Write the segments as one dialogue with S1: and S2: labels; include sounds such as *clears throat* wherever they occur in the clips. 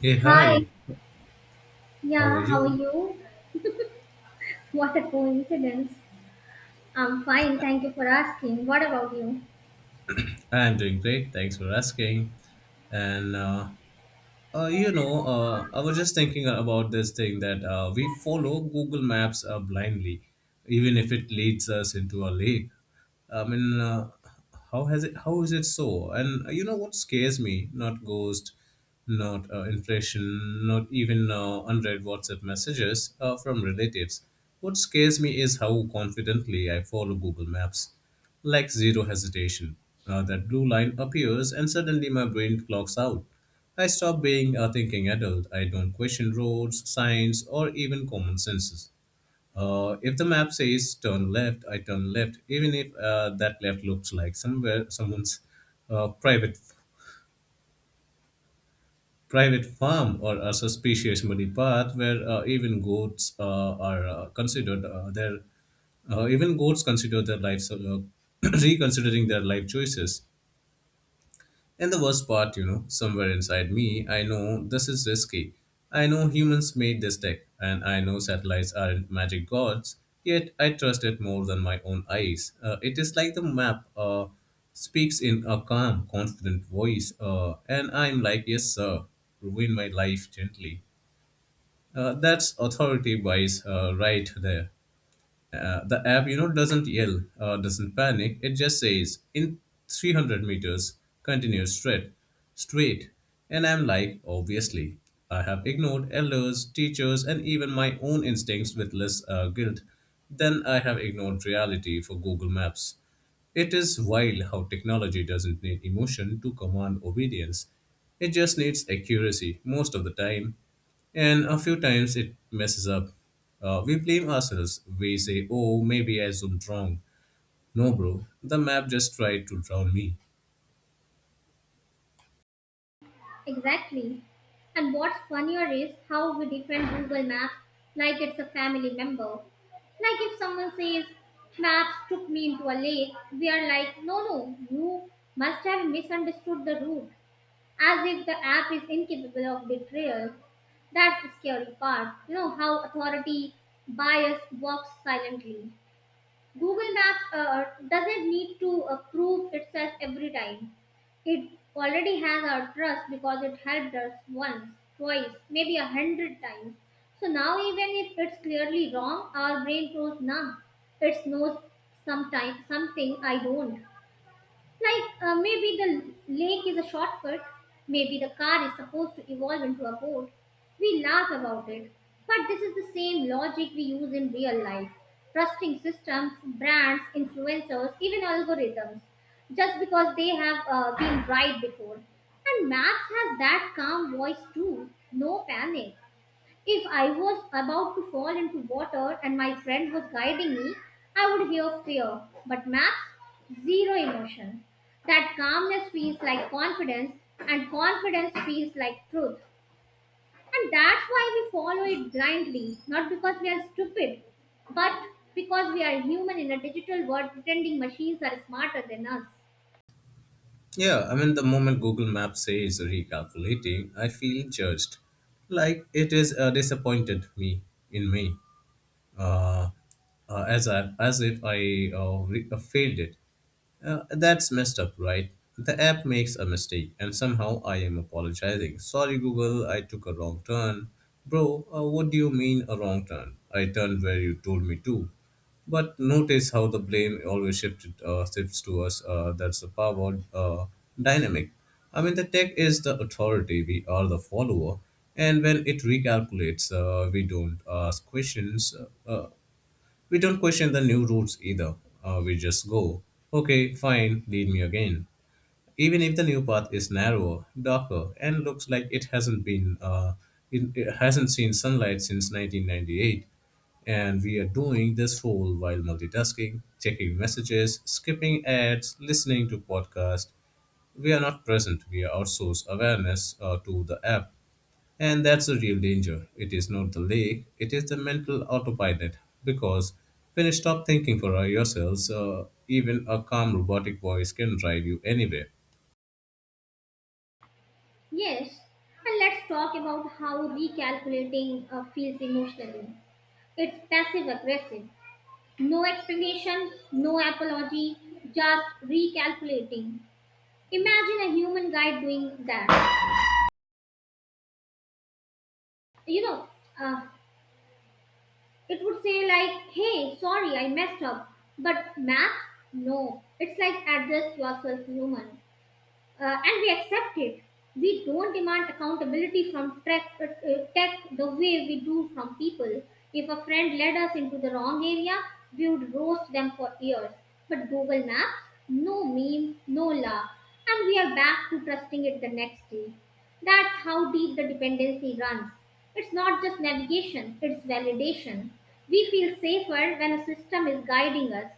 S1: Hey,
S2: Hi,
S1: hi, how are
S2: yeah, how are
S1: you?
S2: you? What a coincidence. I'm fine, thank you for asking. What about you?
S1: I'm doing great, thanks for asking. And, uh, I was just thinking about this thing that we follow Google Maps blindly, even if it leads us into a lake. I mean, uh, how has it? How is it so? And you know what scares me? Not ghost, not inflation, not even unread WhatsApp messages from relatives. What scares me is how confidently I follow Google Maps, like zero hesitation. That blue line appears, and suddenly my brain clocks out. I stop being a thinking adult. I don't question roads, signs, or even common senses. If the map says turn left, I turn left, even if that left looks like somewhere someone's uh, private private farm or a suspicious muddy path where even goats are considered their even goats consider their lives, *clears throat* reconsidering their life choices. And the worst part, you know, somewhere inside me, I know this is risky. I know humans made this tech, and I know satellites aren't magic gods, yet I trust it more than my own eyes. It is like the map speaks in a calm, confident voice, and I'm like, yes, sir, ruin my life gently. That's authority bias right there. The app, you know, doesn't yell, doesn't panic. It just says, in 300 meters, continue straight, straight. And I'm like, obviously, I have ignored elders, teachers, and even my own instincts with less guilt than I have ignored reality for Google Maps. It is wild how technology doesn't need emotion to command obedience. It just needs accuracy most of the time. And a few times it messes up. We blame ourselves. We say, oh, maybe I zoomed wrong. No, bro, the map just tried to drown me.
S2: Exactly. And what's funnier is how we defend Google Maps like it's a family member. Like if someone says, Maps took me into a lake, we are like, no, no, you must have misunderstood the route, as if the app is incapable of betrayal. That's the scary part. You know how authority bias works silently. Google Maps doesn't need to prove itself every time. It already has our trust because it helped us once, twice, maybe a hundred times. So now, even if it's clearly wrong, our brain goes numb. It knows sometime, something I don't. Like maybe the lake is a shortcut, maybe the car is supposed to evolve into a boat. We laugh about it, but this is the same logic we use in real life. Trusting systems, brands, influencers, even algorithms, just because they have been right before. And maps has that calm voice too, no panic. If I was about to fall into water and my friend was guiding me, I would hear fear. But maps, zero emotion. That calmness feels like confidence, and confidence feels like truth. And that's why we follow it blindly, not because we are stupid, but because we are human in a digital world pretending machines are smarter than us.
S1: Yeah, I mean, the moment Google Maps says recalculating, I feel judged. Like it is disappointed me in me, uh, as, I, as if I re- failed it. That's messed up, right? The app makes a mistake, and somehow I am apologizing. Sorry, Google, I took a wrong turn. Bro, what do you mean a wrong turn? I turned where you told me to. But notice how the blame always shifts to us. That's the power dynamic. I mean, the tech is the authority, we are the follower. And when it recalculates, we don't ask questions. Uh, uh, we don't question the new rules either. We just go, okay, fine, lead me again. Even if the new path is narrower, darker, and looks like it hasn't seen sunlight since 1998, and we are doing this whole while multitasking, checking messages, skipping ads, listening to podcasts. We are not present. We outsource awareness to the app, and that's the real danger. It is not the lake, it is the mental autopilot. Because when you stop thinking for yourselves, even a calm robotic voice can drive you anywhere.
S2: Yes, and let's talk about how recalculating feels emotionally. It's passive aggressive. No explanation, no apology, just recalculating. Imagine a human guide doing that. You know, uh, it would say, like, hey, sorry, I messed up. But maths? No. It's like, address yourself, human. And we accept it. We don't demand accountability from tech the way we do from people. If a friend led us into the wrong area, we would roast them for years. But Google Maps, no meme, no laugh, and we are back to trusting it the next day. That's how deep the dependency runs. It's not just navigation, it's validation. We feel safer when a system is guiding us,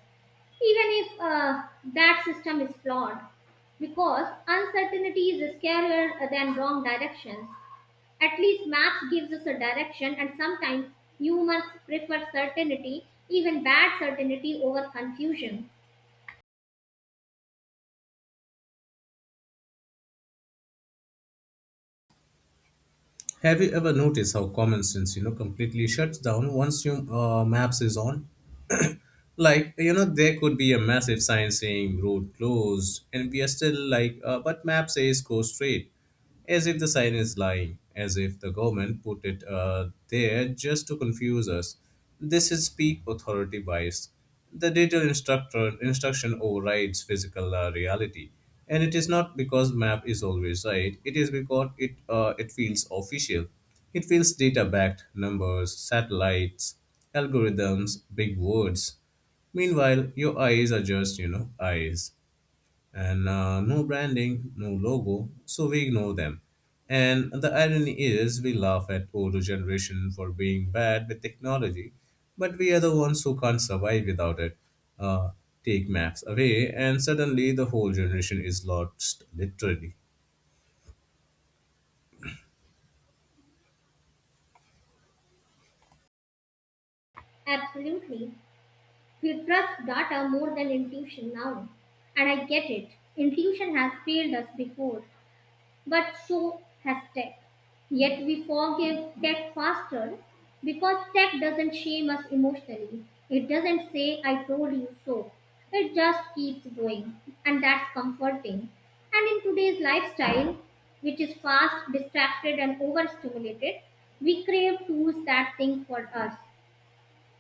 S2: even if that system is flawed, because uncertainty is scarier than wrong directions. At least maps gives us a direction, and sometimes humans prefer certainty, even bad certainty, over confusion.
S1: Have you ever noticed how common sense, you know, completely shuts down once your maps is on? Like, you know, there could be a massive sign saying road closed, and we are still like, but map says go straight, as if the sign is lying, as if the government put it there just to confuse us. This is peak authority bias. The digital instructor instruction overrides physical reality, and it is not because map is always right. It is because it feels official. It feels data backed, numbers, satellites, algorithms, big words. Meanwhile, your eyes are just, you know, eyes. And no branding, no logo, so we ignore them. And the irony is, we laugh at older generation for being bad with technology, but we are the ones who can't survive without it. Uh, Take maps away, and suddenly the whole generation is lost, literally.
S2: Absolutely, we trust data more than intuition now, and I get it. Intuition has failed us before. But so has tech. Yet we forgive tech faster because tech doesn't shame us emotionally. It doesn't say, I told you so. It just keeps going, and that's comforting. And in today's lifestyle, which is fast, distracted, and overstimulated, we crave tools that think for us.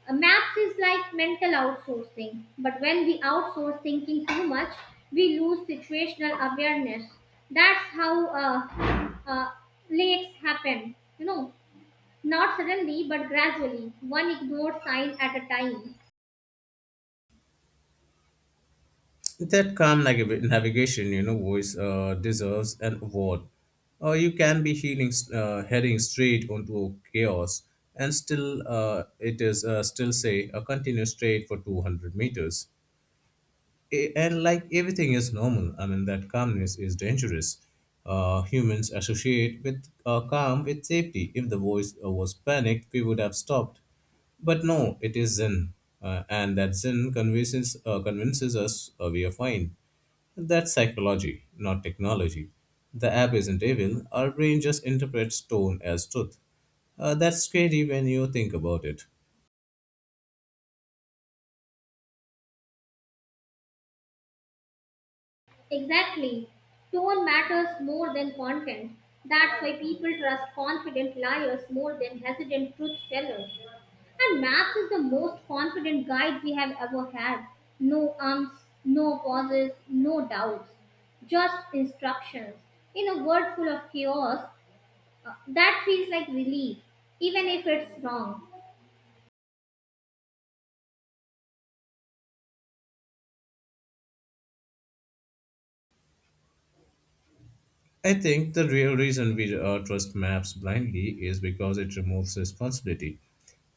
S2: Maths is like mental outsourcing, but when we outsource thinking too much, we lose situational awareness. That's how lakes happen, you know, not suddenly but gradually, one ignored sign at a time.
S1: That calm navigation, you know, voice deserves an award. Or you can be heading straight onto chaos, and still it is still say a continue straight for 200 meters. And like everything is normal. I mean that calmness is dangerous. Humans associate with calm with safety. If the voice was panicked, we would have stopped. But no, it is Zen, and that Zen convinces us we are fine. That's psychology, not technology. The app isn't evil, our brain just interprets tone as truth. That's scary when you think about it.
S2: Exactly. Tone matters more than content. That's why people trust confident liars more than hesitant truth tellers. And Maps is the most confident guide we have ever had. No ums, no pauses, no doubts, just instructions. In a world full of chaos, that feels like relief, even if it's wrong.
S1: I think the real reason we trust maps blindly is because it removes responsibility.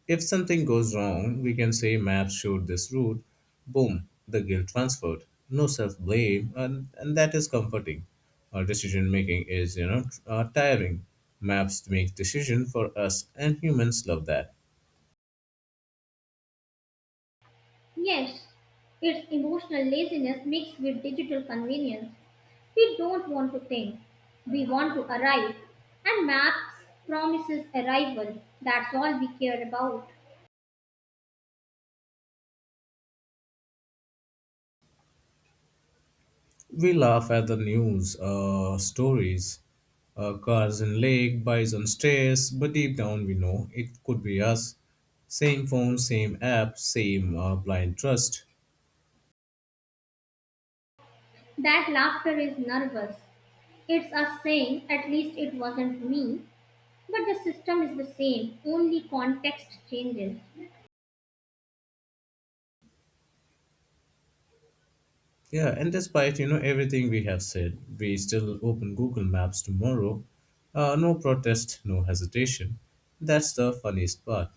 S1: If something goes wrong, we can say maps showed this route, boom, the guilt transferred. No self blame, and that is comforting. Our decision making is, you know, tiring. Maps make decision for us, and humans love that.
S2: Yes, it's emotional laziness mixed with digital convenience. We don't want to think, we want to arrive. And maps promises arrival. That's all we care about.
S1: We laugh at the news stories. Cars in lake, bison stairs, but deep down we know it could be us. Same phone, same app, same blind trust.
S2: That laughter is nervous. It's us saying, at least it wasn't me. But the system is the same, only context changes.
S1: Yeah, and despite you know everything we have said, we still open Google Maps tomorrow. No protest, no hesitation. That's the funniest part.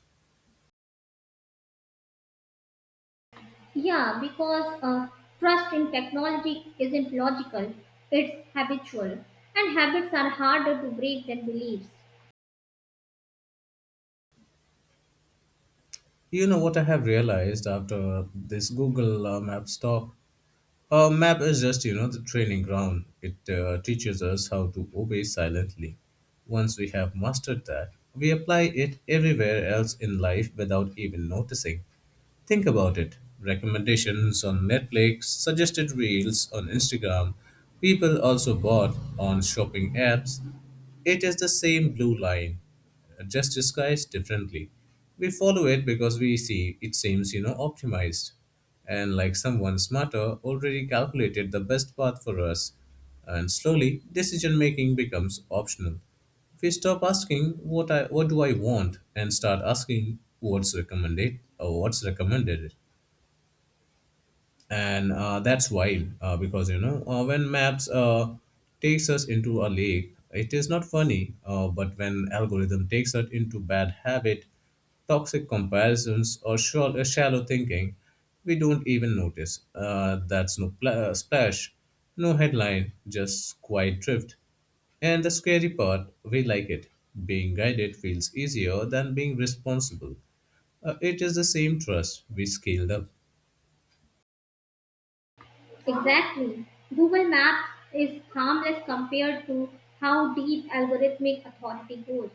S2: Yeah, because trust in technology isn't logical, it's habitual. And habits are harder to break than beliefs.
S1: You know what I have realized after this Google Maps talk? A map is just, you know, the training ground. It teaches us how to obey silently. Once we have mastered that, we apply it everywhere else in life without even noticing. Think about it. Recommendations on Netflix, suggested reels on Instagram, people also bought on shopping apps. It is the same blue line, just disguised differently. We follow it because we see it seems, you know, optimized. And like someone smarter already calculated the best path for us. And slowly, decision making becomes optional. If we stop asking what do I want and start asking what's recommended, and that's wild because you know when maps takes us into a lake, it is not funny, but when algorithm takes us into bad habit, toxic comparisons, or shallow thinking, we don't even notice. That's no splash, no headline, just quiet drift, and the scary part, we like it. Being guided feels easier than being responsible. It is the same trust we scaled up.
S2: Exactly. Google Maps is harmless compared to how deep algorithmic authority goes.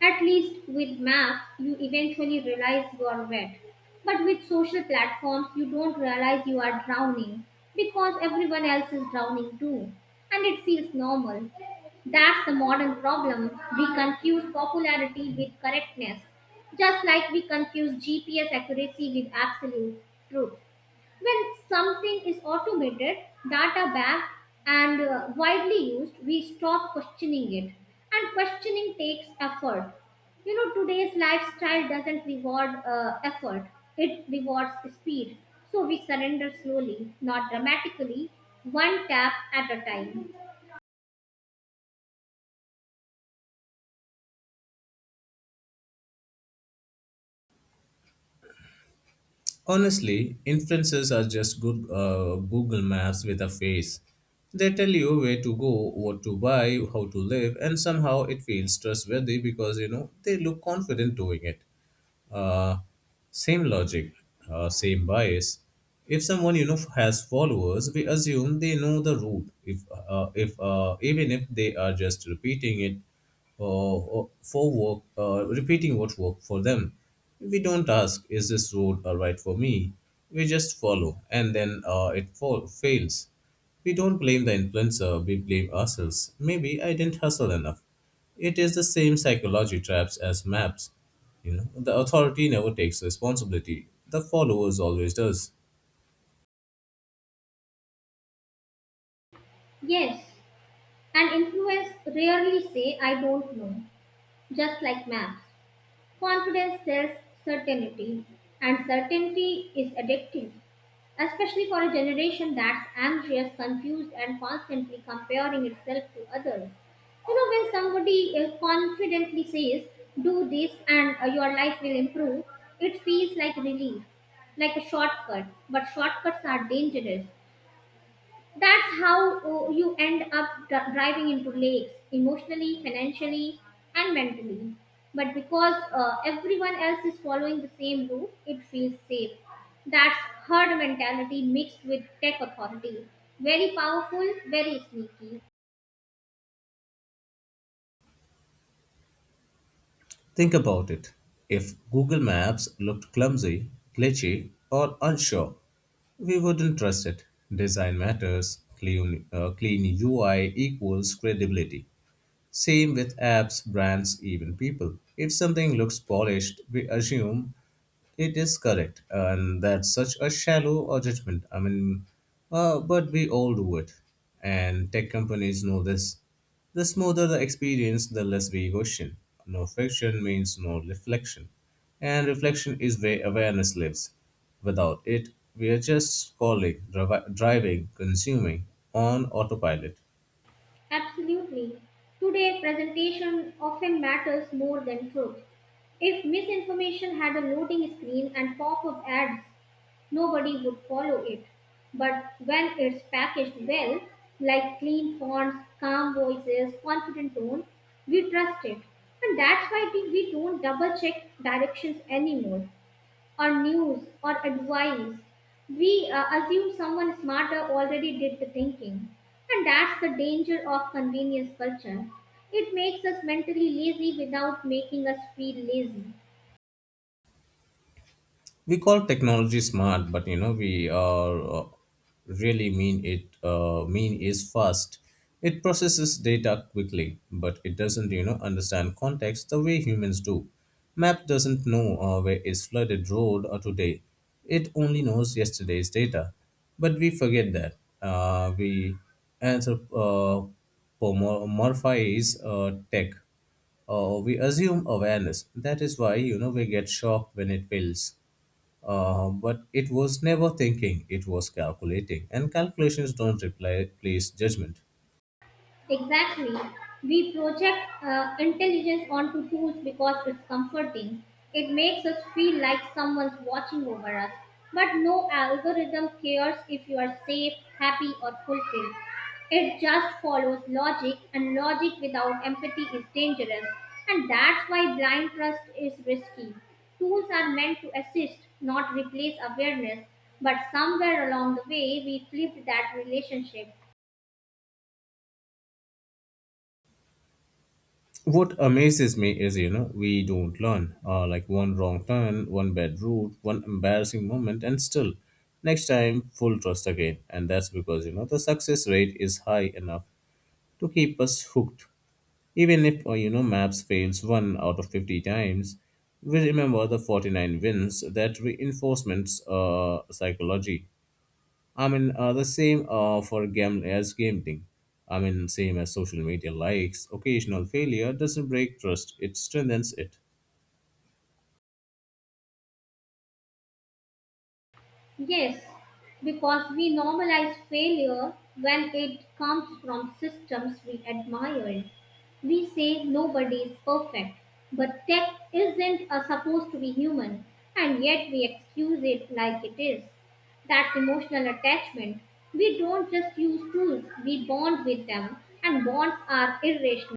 S2: At least with maps, you eventually realize you are wet. But with social platforms, you don't realize you are drowning because everyone else is drowning too. And it feels normal. That's the modern problem. We confuse popularity with correctness, just like we confuse GPS accuracy with absolute truth. When something is automated, data backed, and widely used, we stop questioning it. And questioning takes effort. You know, today's lifestyle doesn't reward effort, it rewards speed. So we surrender slowly, not dramatically, one tap at a time.
S1: Honestly, influencers are just good Google Maps with a face. They tell you where to go, what to buy, how to live, and somehow it feels trustworthy because you know they look confident doing it, uh, same logic, same bias. If someone you know has followers, we assume they know the route. If Even if they are just repeating it for work, repeating what worked for them, we don't ask is this road right for me. We just follow, and then it fails. We don't blame the influencer, we blame ourselves. Maybe I didn't hustle enough. It is the same psychology traps as maps. You know, the authority never takes responsibility. The followers always does.
S2: Yes, an influence rarely say, I don't know, just like maps. Confidence sells certainty, and certainty is addictive, especially for a generation that's anxious, confused, and constantly comparing itself to others. You know, when somebody confidently says, do this and your life will improve, it feels like relief, like a shortcut. But shortcuts are dangerous. That's how, oh, you end up driving into lakes emotionally, financially, and mentally. But because everyone else is following the same route, it feels safe. That's herd mentality mixed with tech authority. Very powerful, very sneaky.
S1: Think about it. If Google Maps looked clumsy, glitchy, or unsure, we wouldn't trust it. Design matters. Clean UI equals credibility. Same with apps, brands, even people. If something looks polished, we assume it is correct, and that's such a shallow judgment. I mean, but we all do it, and tech companies know this. The smoother the experience, the less we question. No friction means no reflection, and reflection is where awareness lives. Without it, we are just scrolling, driving, consuming on autopilot.
S2: Absolutely. Today, presentation often matters more than truth. If misinformation had a loading screen and pop up ads, nobody would follow it. But when it's packaged well, like clean fonts, calm voices, confident tone, we trust it. And that's why we don't double check directions anymore, or news, or advice. We assume someone smarter already did the thinking. And that's the danger of convenience culture. It makes us mentally lazy without making us feel lazy.
S1: We call technology smart, but you know we are really mean it mean is fast. It processes data quickly, but it doesn't, you know, understand context the way humans do. Map doesn't know where is flooded road or today, it only knows yesterday's data, but we forget that. We anthropomorphize tech. We assume awareness, that is why, you know, we get shocked when it fails. But it was never thinking, it was calculating. And calculations don't replace judgment.
S2: Exactly. We project intelligence onto tools because it's comforting. It makes us feel like someone's watching over us. But no algorithm cares if you are safe, happy, or fulfilled. It just follows logic, and logic without empathy is dangerous. And that's why blind trust is risky. Tools are meant to assist, not replace awareness. But somewhere along the way, we flipped that relationship.
S1: What amazes me is, you know, we don't learn. Like one wrong turn, one bad route, one embarrassing moment, and still, next time, full trust again. And that's because, you know, the success rate is high enough to keep us hooked. Even if, you know, maps fails one out of 50 times, we remember the 49 wins, that reinforcements psychology. I mean, the same for gam as gambling. I mean, same as social media likes. Occasional failure doesn't break trust; it strengthens it.
S2: Yes, because we normalize failure when it comes from systems we admire. We say nobody is perfect, but tech isn't supposed to be human, and yet we excuse it like it is. That's emotional attachment. We don't just use tools, we bond with them, and bonds are irrational.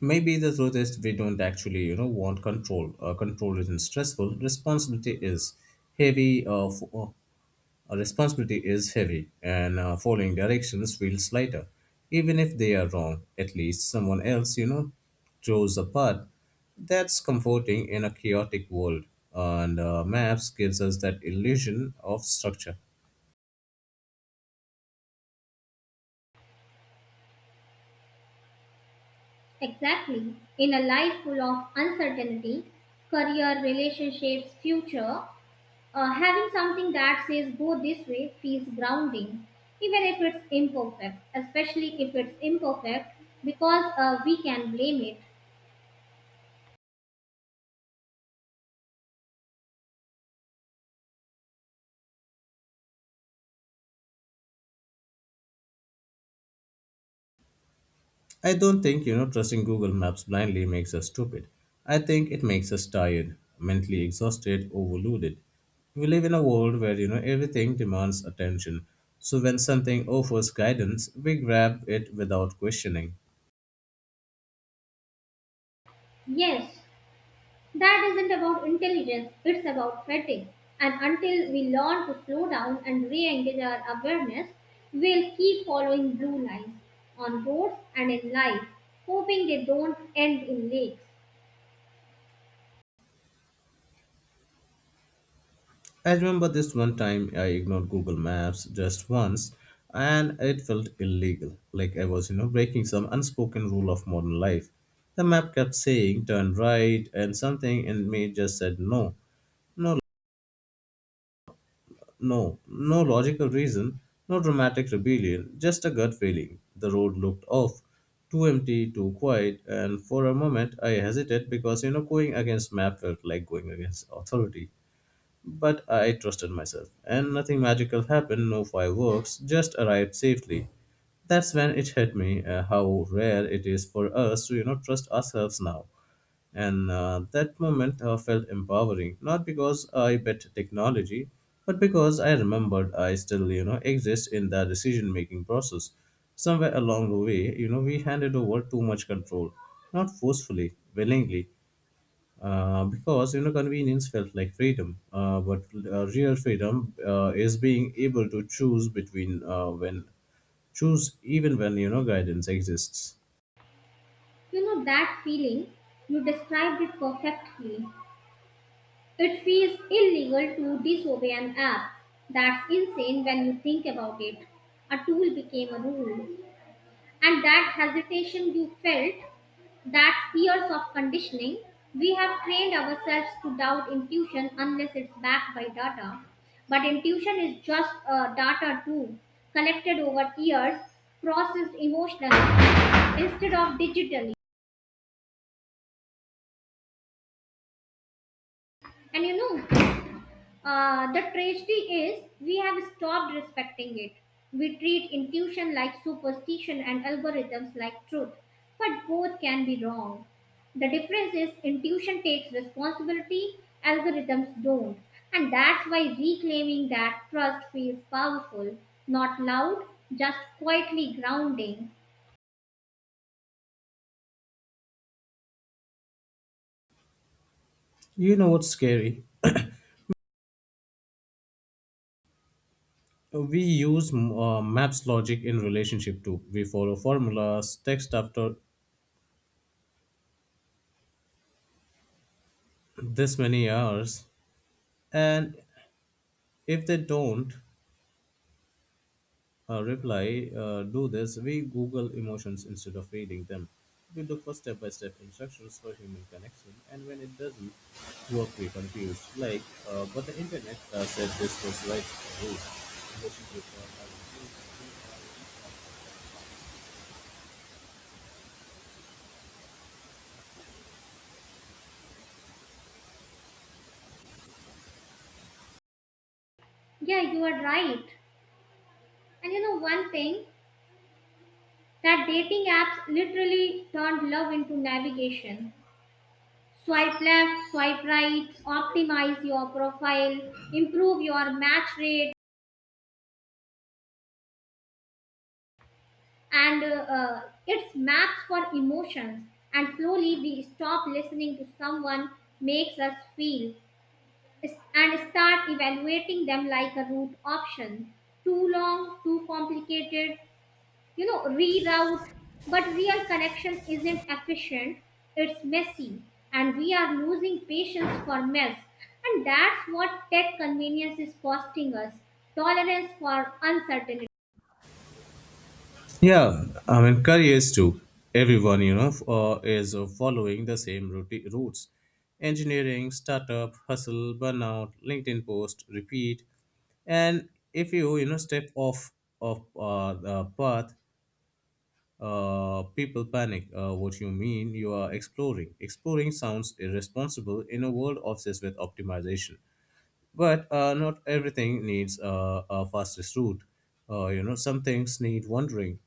S1: Maybe the truth is we don't actually, you know, want control. Control isn't stressful. Responsibility is heavy. F- Our responsibility is heavy, and following directions feels lighter. Even if they are wrong, at least someone else, chose the path. That's comforting in a chaotic world, and maps gives us that illusion of structure.
S2: Exactly. In a life full of uncertainty, career, relationships, future, having something that says go this way feels grounding, even if it's imperfect, especially if it's imperfect, because we can blame it.
S1: I don't think, trusting Google Maps blindly makes us stupid. I think it makes us tired, mentally exhausted, overloaded. We live in a world where, everything demands attention. So when something offers guidance, we grab it without questioning.
S2: Yes, that isn't about intelligence, it's about fatigue. And until we learn to slow down and re engage our awareness, we'll keep following blue lines on roads and in life, hoping they don't end in lakes.
S1: I remember this one time I ignored Google Maps just once and it felt illegal, like I was, breaking some unspoken rule of modern life. The map kept saying turn right and something in me just said no. No. No, no logical reason, no dramatic rebellion, just a gut feeling. The road looked off, too empty, too quiet, and for a moment I hesitated because you know going against map felt like going against authority. But I trusted myself, and nothing magical happened, no fireworks, just arrived safely. That's when it hit me, how rare it is for us to you know trust ourselves now. And that moment felt empowering, not because I bet technology, but because I remembered I still, exist in the decision-making process. Somewhere along the way, we handed over too much control, not forcefully, willingly, because convenience felt like freedom. But Real freedom is being able to choose between when choose even when you know guidance exists.
S2: You know that feeling? You described it perfectly. It feels illegal to disobey an app. That's insane when you think about it. A tool became a rule. And that hesitation you felt, that years of conditioning, we have trained ourselves to doubt intuition unless it's backed by data. But intuition is just a data too, collected over years, processed emotionally instead of digitally. And you know, the tragedy is we have stopped respecting it. We treat intuition like superstition and algorithms like truth, but both can be wrong. The difference is intuition takes responsibility, algorithms don't. And that's why reclaiming that trust feels powerful, not loud, just quietly grounding.
S1: You know what's scary? We use maps logic in relationship too. We follow formulas, text after this many hours, and if they don't reply, do this, we Google emotions instead of reading them. We look for step by step instructions for human connection, and when it doesn't work, we confused. Like, but the internet said this was right. Oh.
S2: Yeah, you are right. And you know one thing, that dating apps literally turned love into navigation. Swipe left, swipe right, optimize your profile, improve your match rate, and it's maps for emotions. And slowly we stop listening to someone makes us feel and start evaluating them like a route option. Too long, too complicated, you know, reroute. But real connection isn't efficient, it's messy, and we are losing patience for mess, and that's what tech convenience is costing us: tolerance for uncertainty.
S1: Yeah, I mean, careers too. Everyone, is following the same routes. Engineering, startup, hustle, burnout, LinkedIn post, repeat. And if you, step off of the path, people panic. What you mean you are exploring. Exploring sounds irresponsible in a world obsessed with optimization. But not everything needs a fastest route. You know, some things need wandering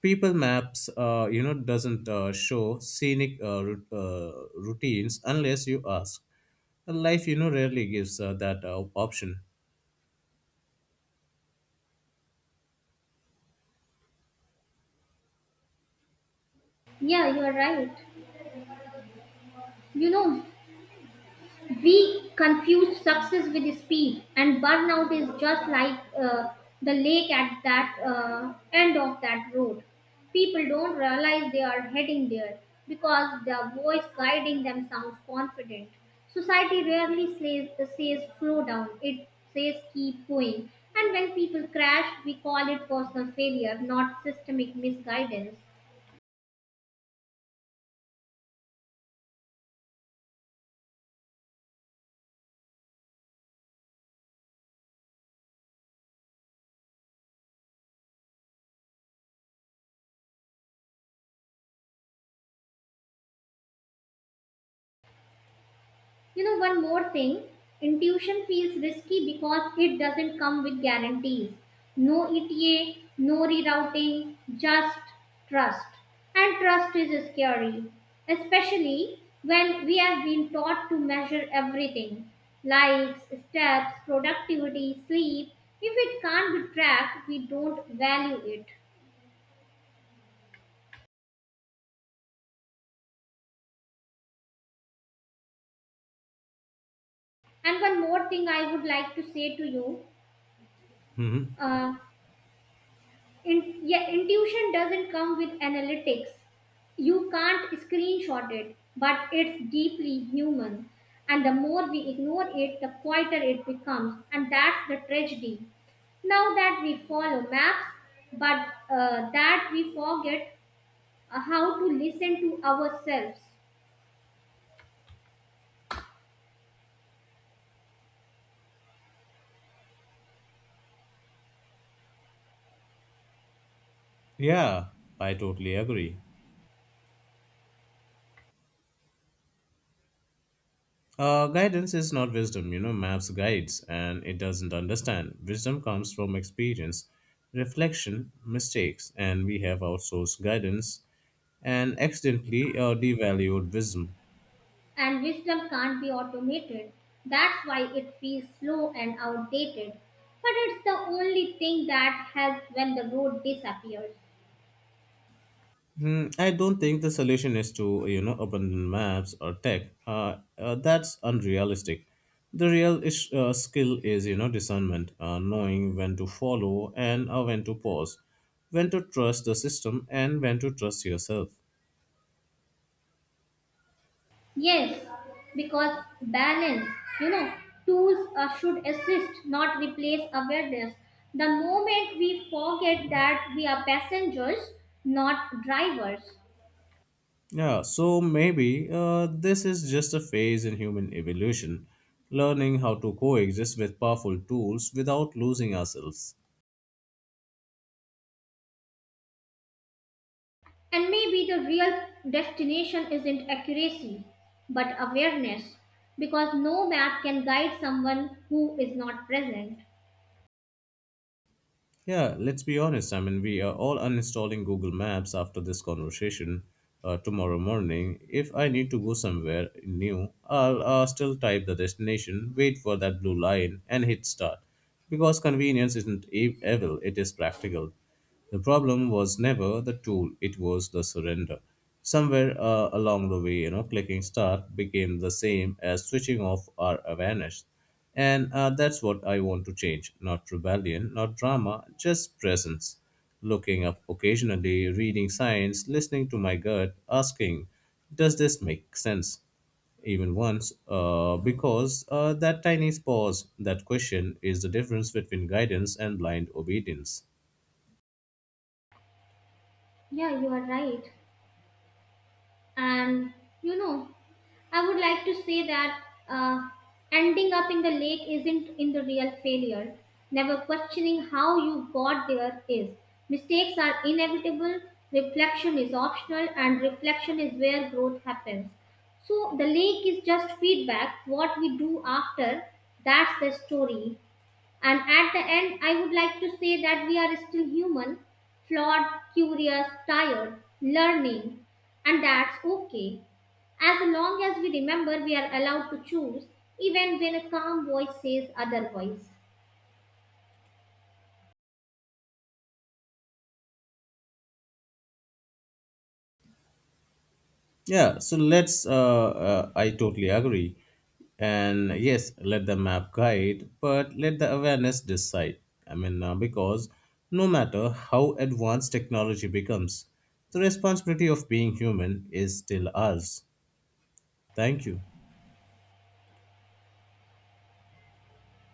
S1: people maps you know doesn't show scenic routines unless you ask. And life you know rarely gives that option.
S2: Yeah, you're right. You know, we confuse success with speed, and burnout is just like the lake at that end of that road. People don't realize they are heading there because the voice guiding them sounds confident. Society rarely says, slow down, it says keep going. And when people crash, we call it personal failure, not systemic misguidance. You know, one more thing, intuition feels risky because it doesn't come with guarantees. No ETA, no rerouting, just trust. And trust is scary, especially when we have been taught to measure everything: likes, steps, productivity, sleep. If it can't be tracked, we don't value it. And one more thing I would like to say to you.
S1: Hmm,
S2: uh, yeah, intuition doesn't come with analytics. You can't screenshot it, but it's deeply human. And the more we ignore it, the quieter it becomes. And that's the tragedy. Now that we follow maps, but that we forget how to listen to ourselves.
S1: yeah, I totally agree. Guidance is not wisdom you know maps guides and it doesn't understand wisdom comes from experience, reflection, mistakes, and we have outsourced guidance and accidentally devalued wisdom.
S2: And wisdom can't be automated. That's why it feels slow and outdated. But it's the only thing that helps when the road disappears.
S1: Hmm, I don't think the solution is to you know abandon maps or tech. That's unrealistic. The real skill is you know discernment, knowing when to follow and when to pause, when to trust the system and when to trust yourself.
S2: Yes, because balance, you know, tools should assist, not replace awareness. The moment we forget that we are passengers, not drivers,
S1: Yeah, so maybe this is just a phase in human evolution, learning how to coexist with powerful tools without losing ourselves.
S2: and maybe the real destination isn't accuracy, but awareness, because no map can guide someone who is not present.
S1: Yeah, let's be honest. I mean, we are all uninstalling Google Maps after this conversation tomorrow morning. If I need to go somewhere new, I'll still type the destination, wait for that blue line, and hit start. Because convenience isn't evil, it is practical. The problem was never the tool, it was the surrender. Somewhere along the way, clicking start became the same as switching off our awareness. And that's what I want to change. Not rebellion, not drama, just presence. Looking up occasionally, reading signs, listening to my gut, asking, does this make sense? Even once because that tiny pause, that question, is the difference between guidance and blind obedience.
S2: Yeah, you are right. And you know, I would like to say that, uh, ending up in the lake isn't in the real failure, never questioning how you got there is. Mistakes are inevitable, reflection is optional, and reflection is where growth happens. So the lake is just feedback. What we do after, that's the story. And at the end, I would like to say that we are still human, flawed, curious, tired, learning, and that's okay. As long as we remember we are allowed to choose, even when a calm voice says otherwise.
S1: Yeah, so I totally agree. And yes, let the map guide, but let the awareness decide. I mean, because no matter how advanced technology becomes, the responsibility of being human is still ours. Thank you.